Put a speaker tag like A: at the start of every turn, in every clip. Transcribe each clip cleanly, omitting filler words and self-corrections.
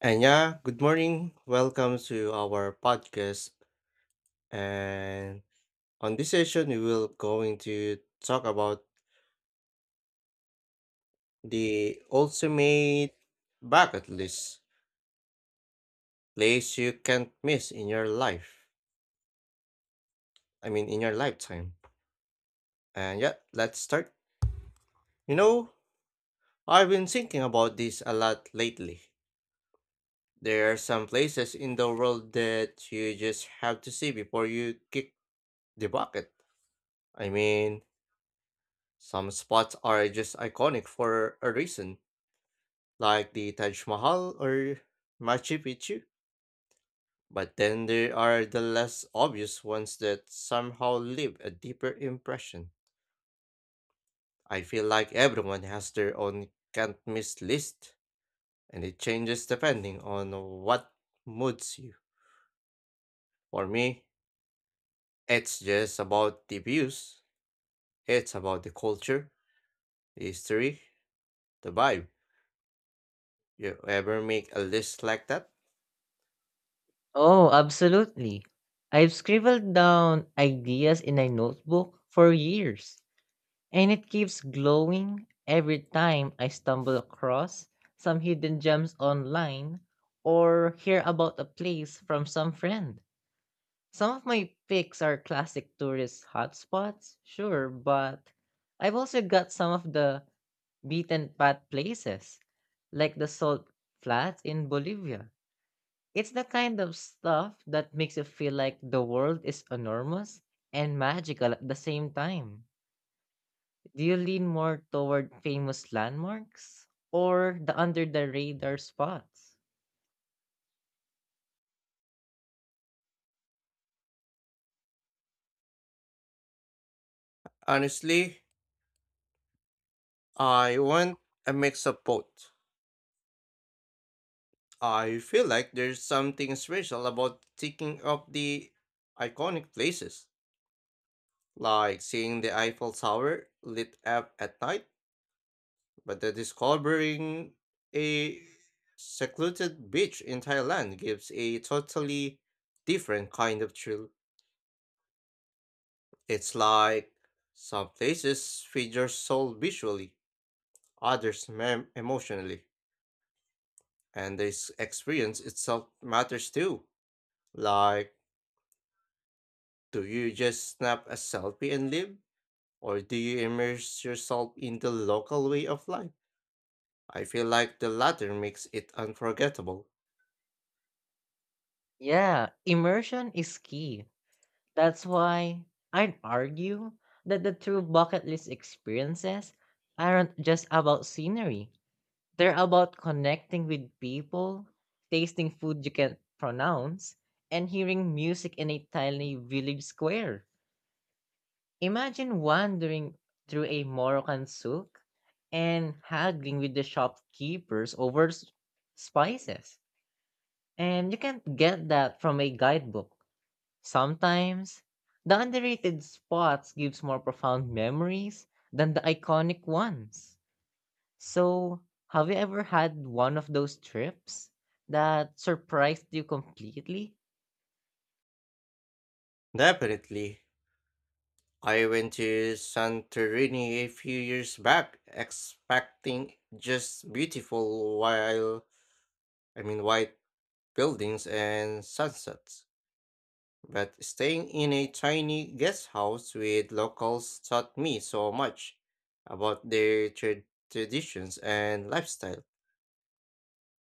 A: And yeah, good morning. Welcome to our podcast. And on this session, we will going to talk about the ultimate bucket list place you can't miss in your life. I mean, in your lifetime. And yeah, let's start. You know, I've been thinking about this a lot lately. There are some places in the world that you just have to see before you kick the bucket. I mean, Some spots are just iconic for a reason, like the Taj Mahal or Machu Picchu. But then there are the less obvious ones that somehow leave a deeper impression. I feel like everyone has their own can't miss list, and it changes depending on what moods you. For me, it's just about the views, it's about the culture, the history, the vibe. You ever make a list like that?
B: Oh, absolutely. I've scribbled down ideas in a notebook for years, and it keeps glowing every time I stumble across some hidden gems online or hear about a place from some friend. Some of my picks are classic tourist hotspots, sure, but I've also got some of the beaten path places, like the salt flats in Bolivia. It's the kind of stuff that makes you feel like the world is enormous and magical at the same time. Do you lean more toward famous landmarks or the under the radar spots?
A: Honestly, I want a mix of both. I feel like there's something special about thinking of the iconic places, like seeing the Eiffel Tower lit up at night, but the discovering a secluded beach in Thailand gives a totally different kind of thrill. It's like some places feed your soul visually, others emotionally, and this experience itself matters too. Like, do you just snap a selfie and leave? Or do you immerse yourself in the local way of life? I feel like the latter makes it unforgettable.
B: Yeah, immersion is key. That's why I'd argue that the true bucket list experiences aren't just about scenery. They're about connecting with people, tasting food you can't pronounce, and hearing music in a tiny village square. Imagine wandering through a Moroccan souk and haggling with the shopkeepers over spices. And you can't get that from a guidebook. Sometimes, the underrated spots gives more profound memories than the iconic ones. So, have you ever had one of those trips that surprised you completely?
A: Definitely. I went to Santorini a few years back expecting just beautiful while I mean white buildings and sunsets. But staying in a tiny guest house with locals taught me so much about their traditions and lifestyle.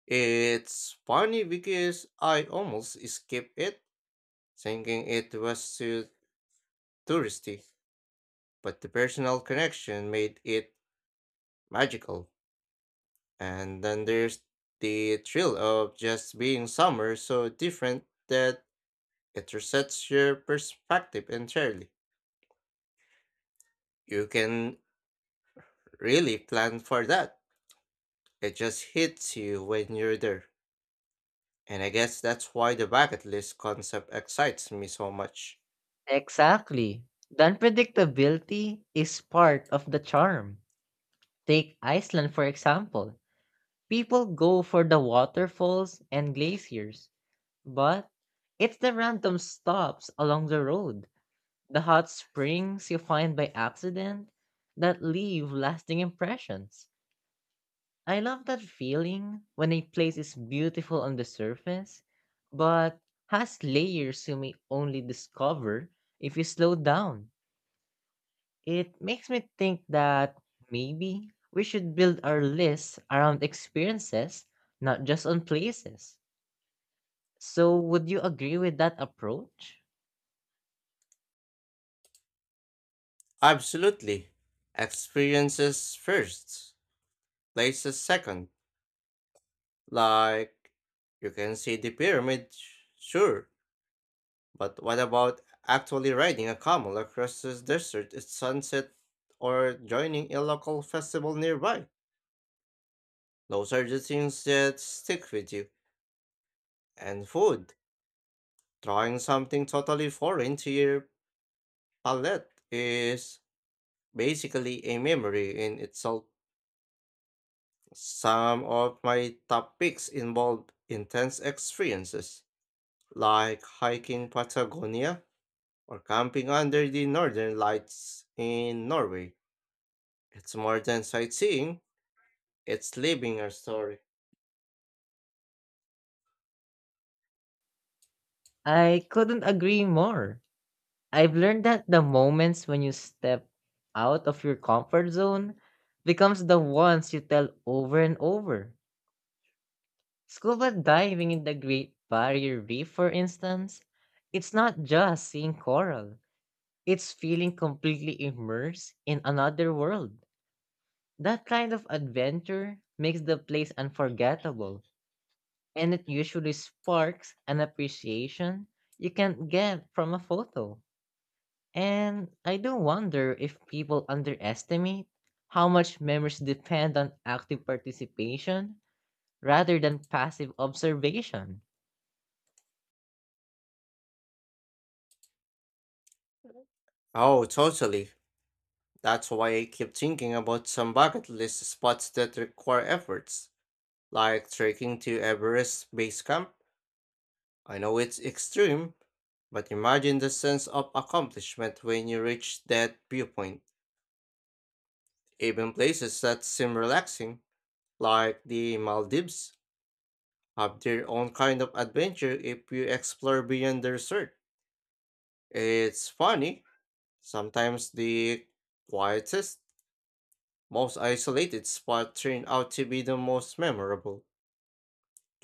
A: It's funny because I almost skipped it, thinking it was too touristy, but the personal connection made it magical. And then there's the thrill of just being somewhere so different that it resets your perspective entirely. You can really plan for that. It just hits you when you're there. And I guess that's why the bucket list concept excites me so much.
B: Exactly. The unpredictability is part of the charm. Take Iceland, for example. People go for the waterfalls and glaciers, but it's the random stops along the road, the hot springs you find by accident that leave lasting impressions. I love that feeling when a place is beautiful on the surface, but has layers you may only discover if you slow down. It makes me think that maybe we should build our list around experiences, not just on places. So, would you agree with that approach?
A: Absolutely. Experiences first, places second. Like, you can see the pyramid, sure, but what about actually riding a camel across the desert at sunset or joining a local festival nearby? Those are the things that stick with you. And food, trying something totally foreign to your palate is basically a memory in itself. Some of my top picks involved intense experiences, like hiking Patagonia or camping under the northern lights in Norway. It's more than sightseeing, it's living a story.
B: I couldn't agree more. I've learned that the moments when you step out of your comfort zone becomes the ones you tell over and over. Scuba diving in the Great Barrier Reef, for instance, it's not just seeing coral, it's feeling completely immersed in another world. That kind of adventure makes the place unforgettable, and it usually sparks an appreciation you can't get from a photo. And I do wonder if people underestimate how much memories depend on active participation rather than passive observation.
A: Oh, totally. That's why I keep thinking about some bucket list spots that require efforts, like trekking to Everest Base Camp. I know it's extreme, but imagine the sense of accomplishment when you reach that viewpoint. Even places that seem relaxing, like the Maldives, have their own kind of adventure if you explore beyond the resort. It's funny, sometimes the quietest, most isolated spot turn out to be the most memorable.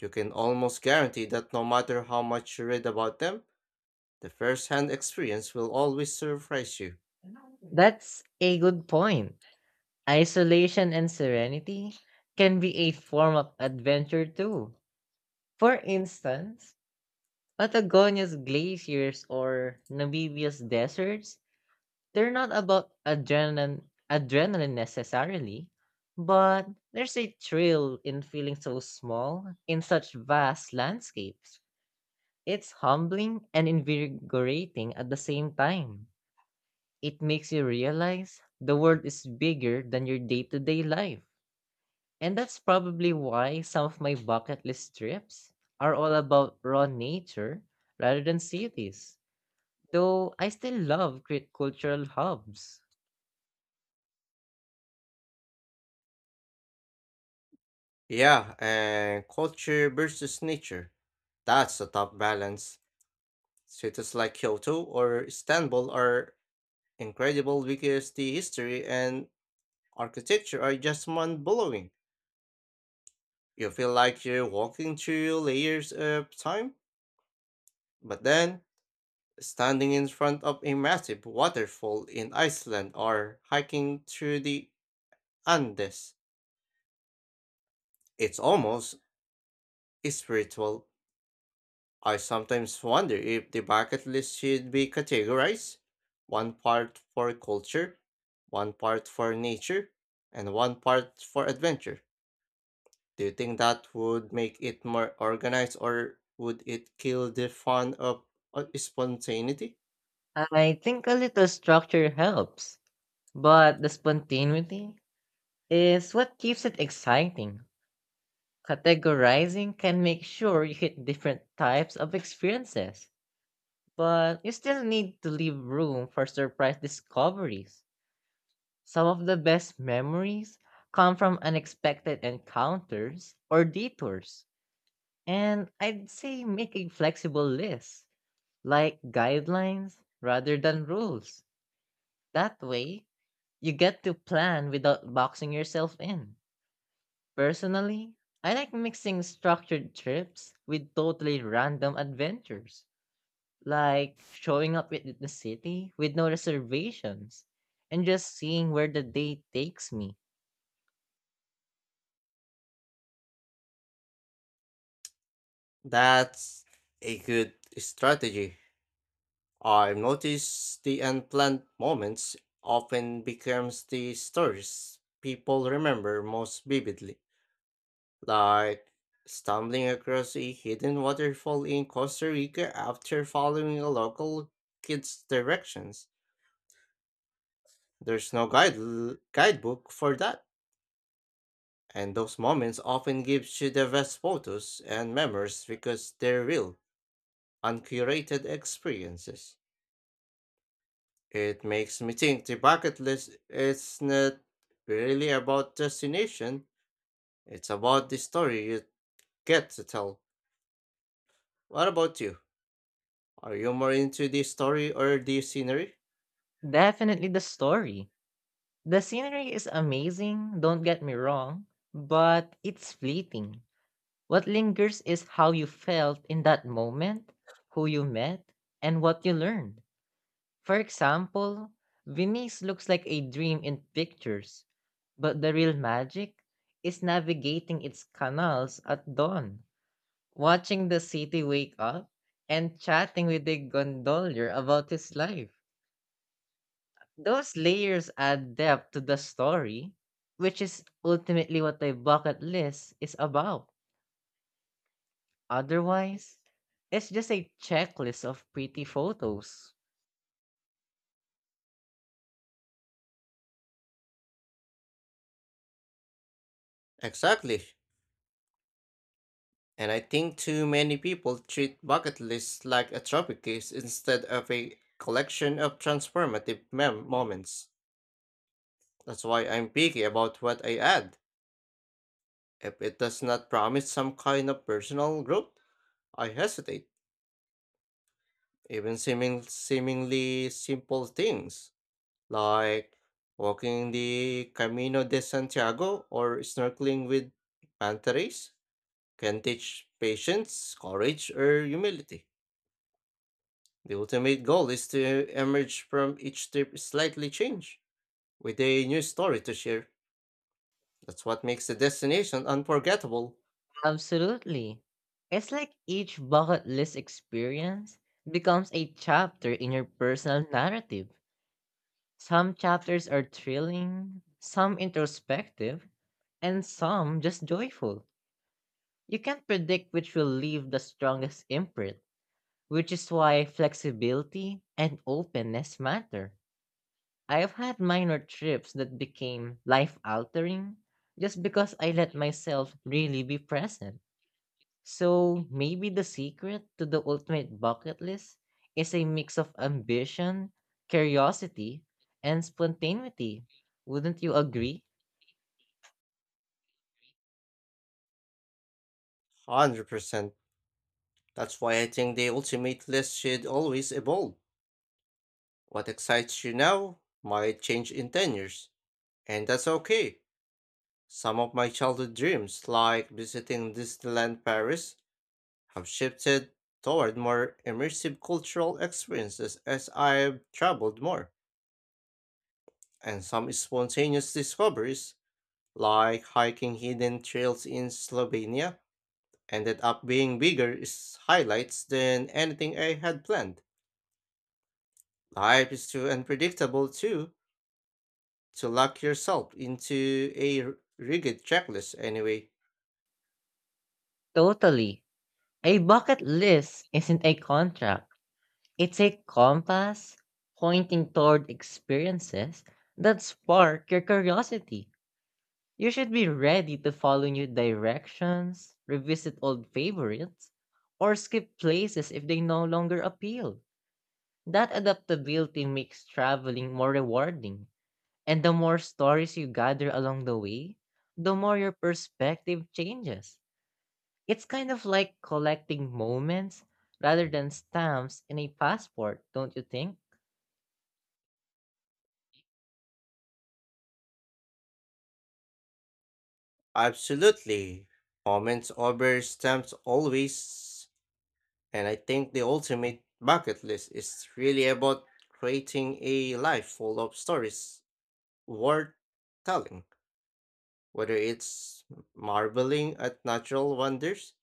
A: You can almost guarantee that no matter how much you read about them, the first hand experience will always surprise you.
B: That's a good point. Isolation and serenity can be a form of adventure too. For instance, Patagonia's glaciers or Namibia's deserts, they're not about adrenaline necessarily, but there's a thrill in feeling so small in such vast landscapes. It's humbling and invigorating at the same time. It makes you realize the world is bigger than your day to day life. And that's probably why some of my bucket list trips are all about raw nature rather than cities. Though I still love great cultural hubs.
A: Yeah, and culture versus nature. That's a tough balance. Cities like Kyoto or Istanbul are incredible because the history and architecture are just mind blowing. You feel like you're walking through layers of time, but then standing in front of a massive waterfall in Iceland or hiking through the Andes. It's almost spiritual. I sometimes wonder if the bucket list should be categorized one part for culture, one part for nature, and one part for adventure. Do you think that would make it more organized or would it kill the fun of spontaneity?
B: I think a little structure helps, but the spontaneity is what keeps it exciting. Categorizing can make sure you hit different types of experiences. But you still need to leave room for surprise discoveries. Some of the best memories come from unexpected encounters or detours. And I'd say make a flexible list, like guidelines rather than rules. That way, you get to plan without boxing yourself in. Personally, I like mixing structured trips with totally random adventures. Like showing up with the city with no reservations and just seeing where the day takes me.
A: That's a good strategy. I've noticed the unplanned moments often becomes the stories people remember most vividly. Like stumbling across a hidden waterfall in Costa Rica after following a local kid's directions. There's no guidebook for that. And those moments often gives you the best photos and memories because they're real, uncurated experiences. It makes me think the bucket list is not really about destination, it's about the story you get to tell. What about you? Are you more into the story or the scenery?
B: Definitely the story. The scenery is amazing, don't get me wrong, but it's fleeting. What lingers is how you felt in that moment, who you met, and what you learned. For example, Venice looks like a dream in pictures, but the real magic is navigating its canals at dawn, watching the city wake up, and chatting with the gondolier about his life. Those layers add depth to the story, which is ultimately what a bucket list is about. Otherwise, it's just a checklist of pretty photos.
A: Exactly. And I think too many people treat bucket lists like a trophy case instead of a collection of transformative moments. That's why I'm picky about what I add. If it does not promise some kind of personal growth, I hesitate. Even seemingly simple things like walking the Camino de Santiago or snorkeling with manta rays can teach patience, courage, or humility. The ultimate goal is to emerge from each trip slightly changed, with a new story to share. That's what makes the destination unforgettable.
B: Absolutely. It's like each bucket list experience becomes a chapter in your personal narrative. Some chapters are thrilling, some introspective, and some just joyful. You can't predict which will leave the strongest imprint, which is why flexibility and openness matter. I have had minor trips that became life altering just because I let myself really be present. So maybe the secret to the ultimate bucket list is a mix of ambition, curiosity, and spontaneity. Wouldn't you agree?
A: 100%. That's why I think the ultimate list should always evolve. What excites you now might change in 10 years, and that's okay. Some of my childhood dreams, like visiting Disneyland Paris, have shifted toward more immersive cultural experiences as I've traveled more, and some spontaneous discoveries, like hiking hidden trails in Slovenia, ended up being bigger highlights than anything I had planned. Life is too unpredictable, too, to lock yourself into a rigid checklist anyway.
B: Totally. A bucket list isn't a contract, it's a compass pointing toward experiences that spark your curiosity. You should be ready to follow new directions, revisit old favorites, or skip places if they no longer appeal. That adaptability makes traveling more rewarding, and the more stories you gather along the way, the more your perspective changes. It's kind of like collecting moments rather than stamps in a passport, don't you think?
A: Absolutely. Moments over stamps always. And I think the ultimate bucket list is really about creating a life full of stories worth telling, whether it's marveling at natural wonders,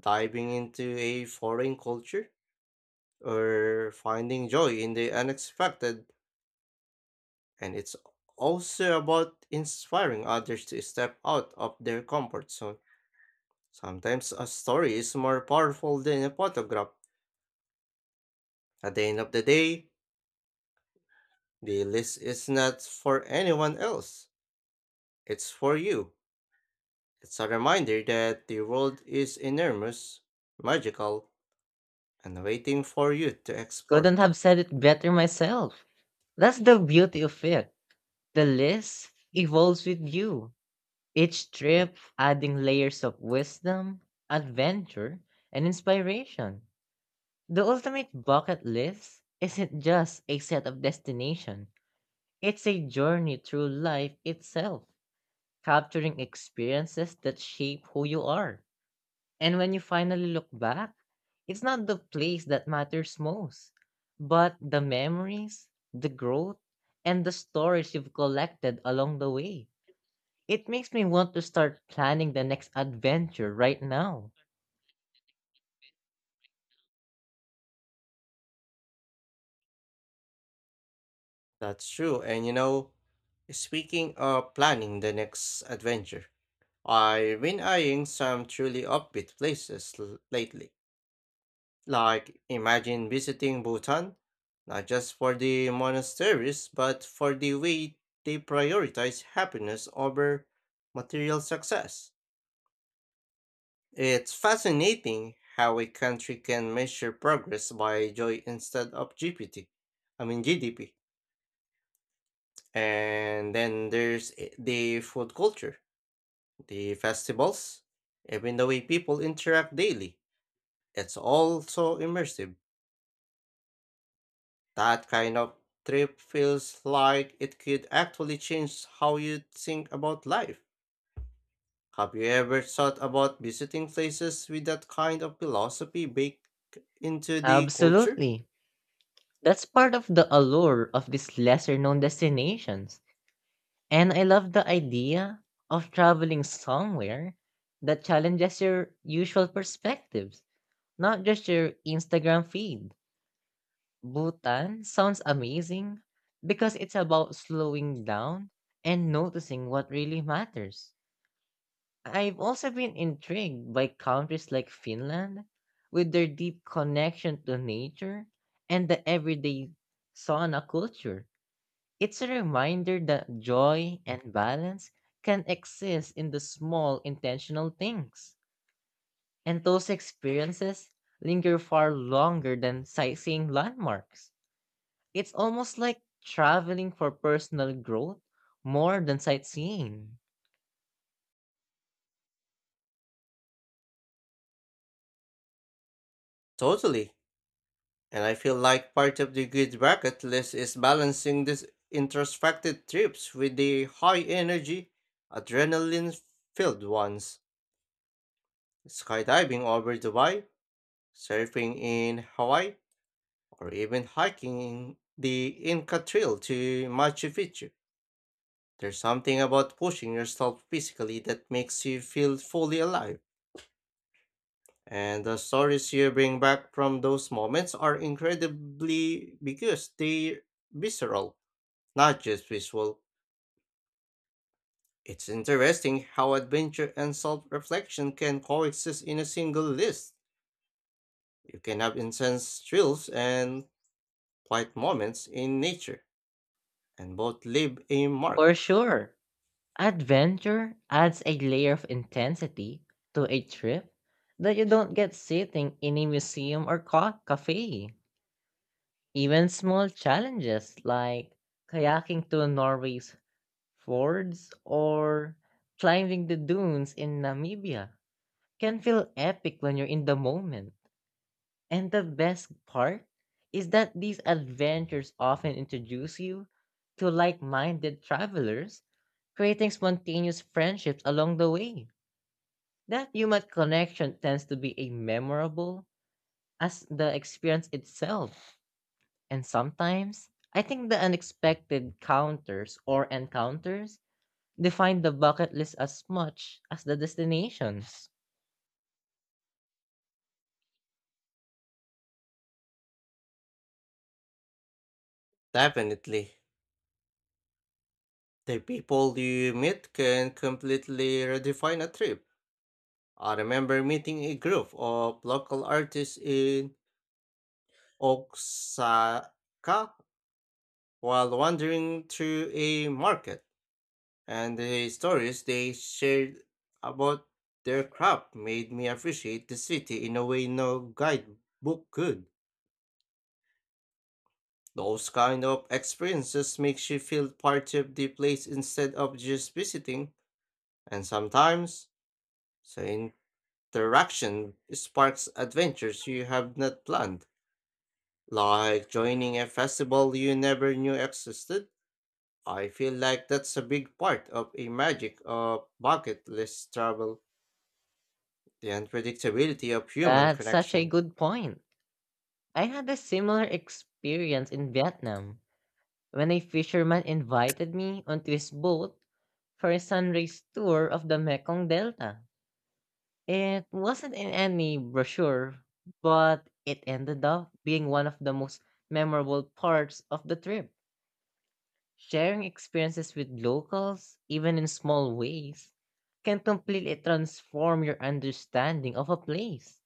A: diving into a foreign culture, or finding joy in the unexpected. And it's also about inspiring others to step out of their comfort zone. Sometimes a story is more powerful than a photograph. At the end of the day, the list is not for anyone else, it's for you. It's a reminder that the world is enormous, magical, and waiting for you to
B: Couldn't
A: explore.
B: have said it better myself. That's the beauty of it. The list evolves with you, each trip adding layers of wisdom, adventure, and inspiration. The ultimate bucket list isn't just a set of destination, it's a journey through life itself, capturing experiences that shape who you are. And when you finally look back, it's not the place that matters most, but the memories, the growth, and the stories you've collected along the way. It makes me want to start planning the next adventure right now.
A: That's true, and speaking of planning the next adventure, I've been eyeing some truly upbeat places lately. Like, imagine visiting Bhutan, not just for the monasteries, but for the way they prioritize happiness over material success. It's fascinating how a country can measure progress by joy instead of GPT. I mean, GDP. And then there's the food culture, the festivals, even the way people interact daily. It's also immersive. That kind of trip feels like it could actually change how you think about life. Have you ever thought about visiting places with that kind of philosophy baked into the culture?
B: Absolutely. That's part of the allure of these lesser known destinations. And I love the idea of traveling somewhere that challenges your usual perspectives, not just your Instagram feed. Bhutan sounds amazing because it's about slowing down and noticing what really matters. I've also been intrigued by countries like Finland with their deep connection to nature and the everyday sauna culture. It's a reminder that joy and balance can exist in the small intentional things. And those experiences linger far longer than sightseeing landmarks. It's almost like traveling for personal growth more than sightseeing.
A: Totally. And I feel like part of the good bucket list is balancing these introspective trips with the high energy, adrenaline filled ones. Skydiving over Dubai, surfing in Hawaii, or even hiking the Inca Trail to Machu Picchu. There's something about pushing yourself physically that makes you feel fully alive, and the stories you bring back from those moments are incredibly because they're visceral, not just visual. It's interesting how adventure and self reflection can coexist in a single list. You can have intense thrills and quiet moments in nature, and both leave a
B: For
A: mark.
B: sure, adventure adds a layer of intensity to a trip that you don't get sitting in a museum or cafe. Even small challenges like kayaking to Norway's fjords or climbing the dunes in Namibia can feel epic when you're in the moment. And the best part is that these adventures often introduce you to like minded travelers, creating spontaneous friendships along the way. That human connection tends to be a memorable as the experience itself. And sometimes, I think the unexpected counters or encounters define the bucket list as much as the destinations.
A: Definitely. The people you meet can completely redefine a trip. I remember meeting a group of local artists in Osaka while wandering through a market, and the stories they shared about their craft made me appreciate the city in a way no guidebook could. Those kind of experiences makes you feel part of the place instead of just visiting, and sometimes saying. Interaction sparks adventures you have not planned, like joining a festival you never knew existed. I feel like that's a big part of a magic of bucket list travel, the unpredictability of human
B: That's such a
A: connection.
B: good point. I had a similar experience in Vietnam when a fisherman invited me onto his boat for a sunrise tour of the Mekong Delta. It wasn't in any brochure, but it ended up being one of the most memorable parts of the trip. Sharing experiences with locals, even in small ways, can completely transform your understanding of a place.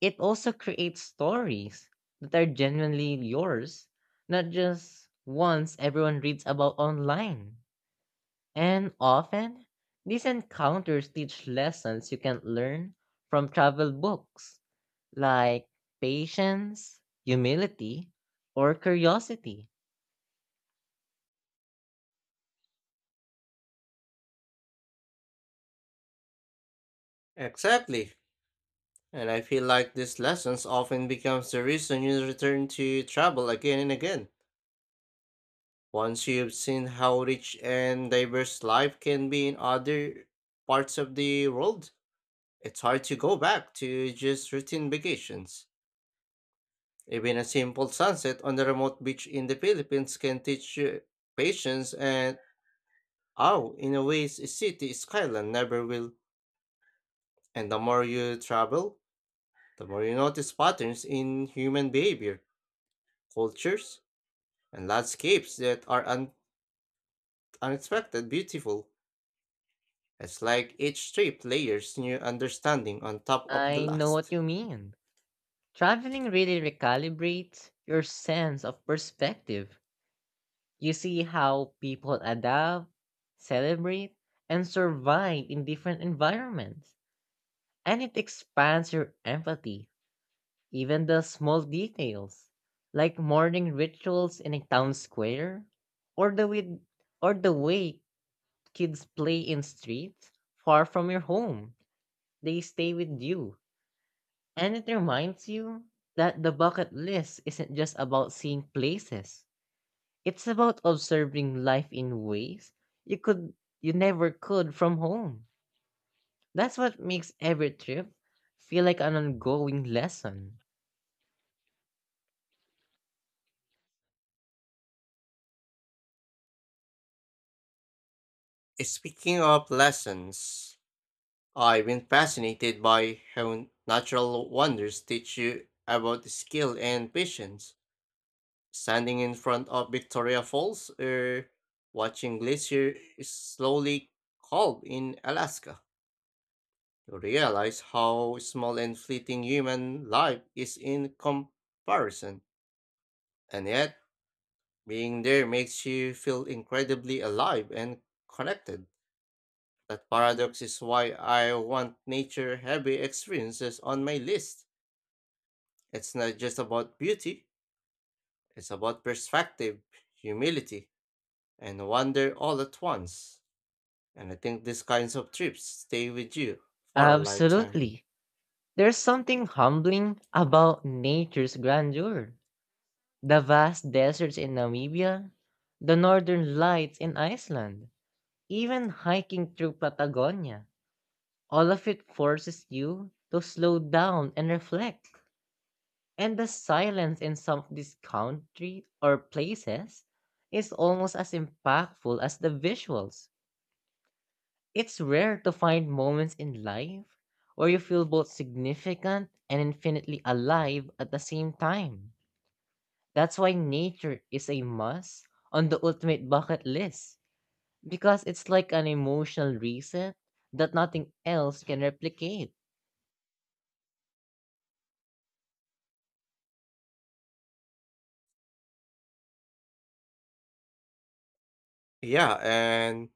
B: It also creates stories that are genuinely yours, not just ones everyone reads about online. And often, these encounters teach lessons you can learn from travel books, like patience, humility, or curiosity.
A: Exactly. And I feel like these lessons often becomes the reason you return to travel again and again. Once you've seen how rich and diverse life can be in other parts of the world, it's hard to go back to just routine vacations. Even a simple sunset on a remote beach in the Philippines can teach you patience and how, in a way, a city skyline never will. And the more you travel, the more you notice patterns in human behavior, cultures, and landscapes that are unexpected beautiful. It's like each trip layers new understanding on top of the
B: I know what
A: last.
B: you mean. Traveling really recalibrates your sense of perspective. You see how people adapt, celebrate, and survive in different environments. And it expands your empathy, even the small details, like morning rituals in a town square, or the way, or the way kids play in streets far from your home. They stay with you. And it reminds you that the bucket list isn't just about seeing places. It's about observing life in ways you could you never could from home. That's what makes every trip feel like an ongoing lesson.
A: Speaking of lessons, I've been fascinated by how natural wonders teach you about skill and patience. Standing in front of Victoria Falls or watching glacier slowly calm in Alaska, you realize how small and fleeting human life is in comparison. And yet, being there makes you feel incredibly alive and connected. That paradox is why I want nature heavy experiences on my list. It's not just about beauty, it's about perspective, humility, and wonder all at once. And I think these kinds of trips stay with you for a lifetime.
B: Absolutely. There's something humbling about nature's grandeur. The vast deserts in Namibia, the northern lights in Iceland, even hiking through Patagonia. All of it forces you to slow down and reflect. And the silence in some of these country or places is almost as impactful as the visuals. It's rare to find moments in life where you feel both significant and infinitely alive at the same time. That's why nature is a must on the ultimate bucket list because it's like an emotional reset that nothing else can replicate.
A: Yeah, and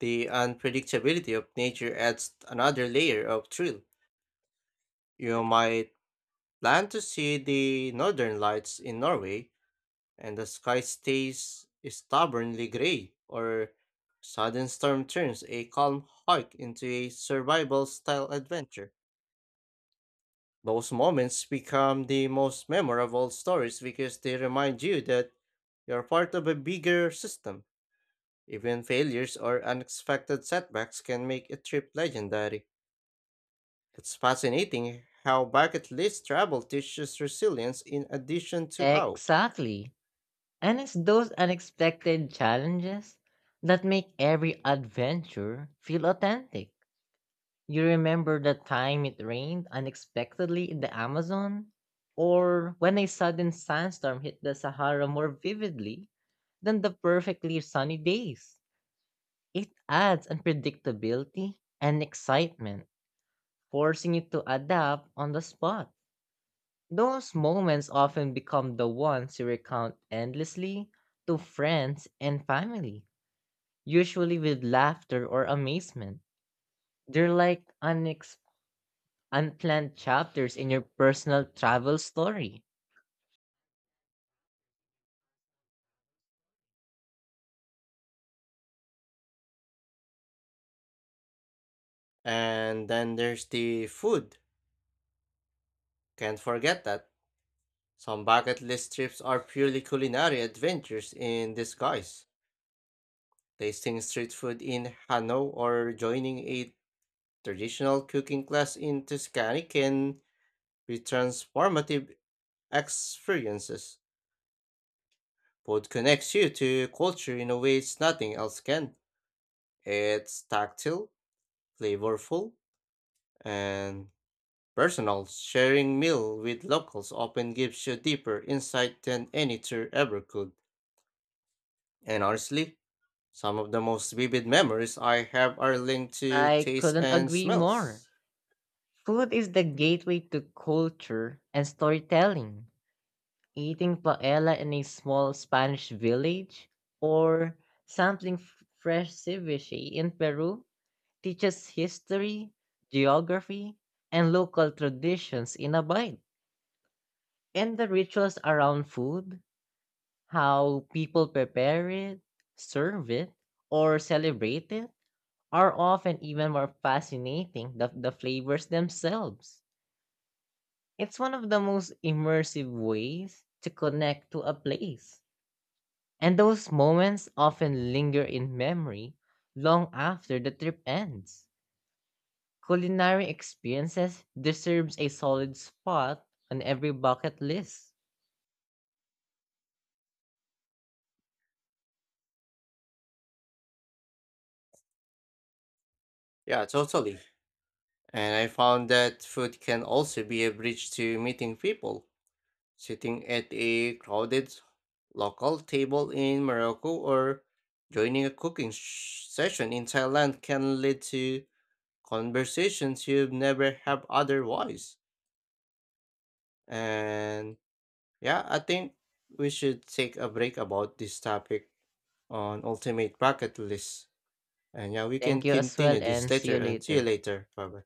A: the unpredictability of nature adds another layer of thrill. You might plan to see the northern lights in Norway, and the sky stays stubbornly gray, or sudden storm turns a calm hike into a survival style adventure. Those moments become the most memorable stories because they remind you that you're part of a bigger system. Even failures or unexpected setbacks can make a trip legendary. It's fascinating how bucket list travel teaches resilience in addition to awe.
B: Exactly. And it's those unexpected challenges that make every adventure feel authentic. You remember the time it rained unexpectedly in the Amazon? Or when a sudden sandstorm hit the Sahara more vividly than the perfectly sunny days. It adds unpredictability and excitement, forcing you to adapt on the spot. Those moments often become the ones you recount endlessly to friends and family, usually with laughter or amazement. They're like unplanned chapters in your personal travel story.
A: And then there's the food. Can't forget that. Some bucket list trips are purely culinary adventures in disguise. Tasting street food in Hanoi or joining a traditional cooking class in Tuscany can be transformative experiences. Food connects you to culture in a way it's nothing else can. It's tactile, flavorful, and personal. Sharing meal with locals often gives you deeper insight than any tour ever could. And honestly, some of the most vivid memories I have are linked to
B: I
A: taste
B: couldn't
A: and
B: agree more.
A: smells.
B: Food is the gateway to culture and storytelling. Eating paella in a small Spanish village or sampling fresh ceviche in Peru teaches history, geography, and local traditions in a bite. And the rituals around food, how people prepare it, serve it, or celebrate it are often even more fascinating than the flavors themselves. It's one of the most immersive ways to connect to a place. And those moments often linger in memory long after the trip ends. Culinary experiences deserves a solid spot on every bucket list.
A: Yeah, totally. And I found that food can also be a bridge to meeting people. Sitting at a crowded local table in Morocco or joining a cooking session in Thailand can lead to conversations you'd never have otherwise. And yeah, I think we should take a break about this topic on ultimate bucket list. And yeah, we can
B: Thank you as
A: continue
B: well
A: this
B: and see
A: later
B: you
A: and see you
B: later.
A: later. Bye bye.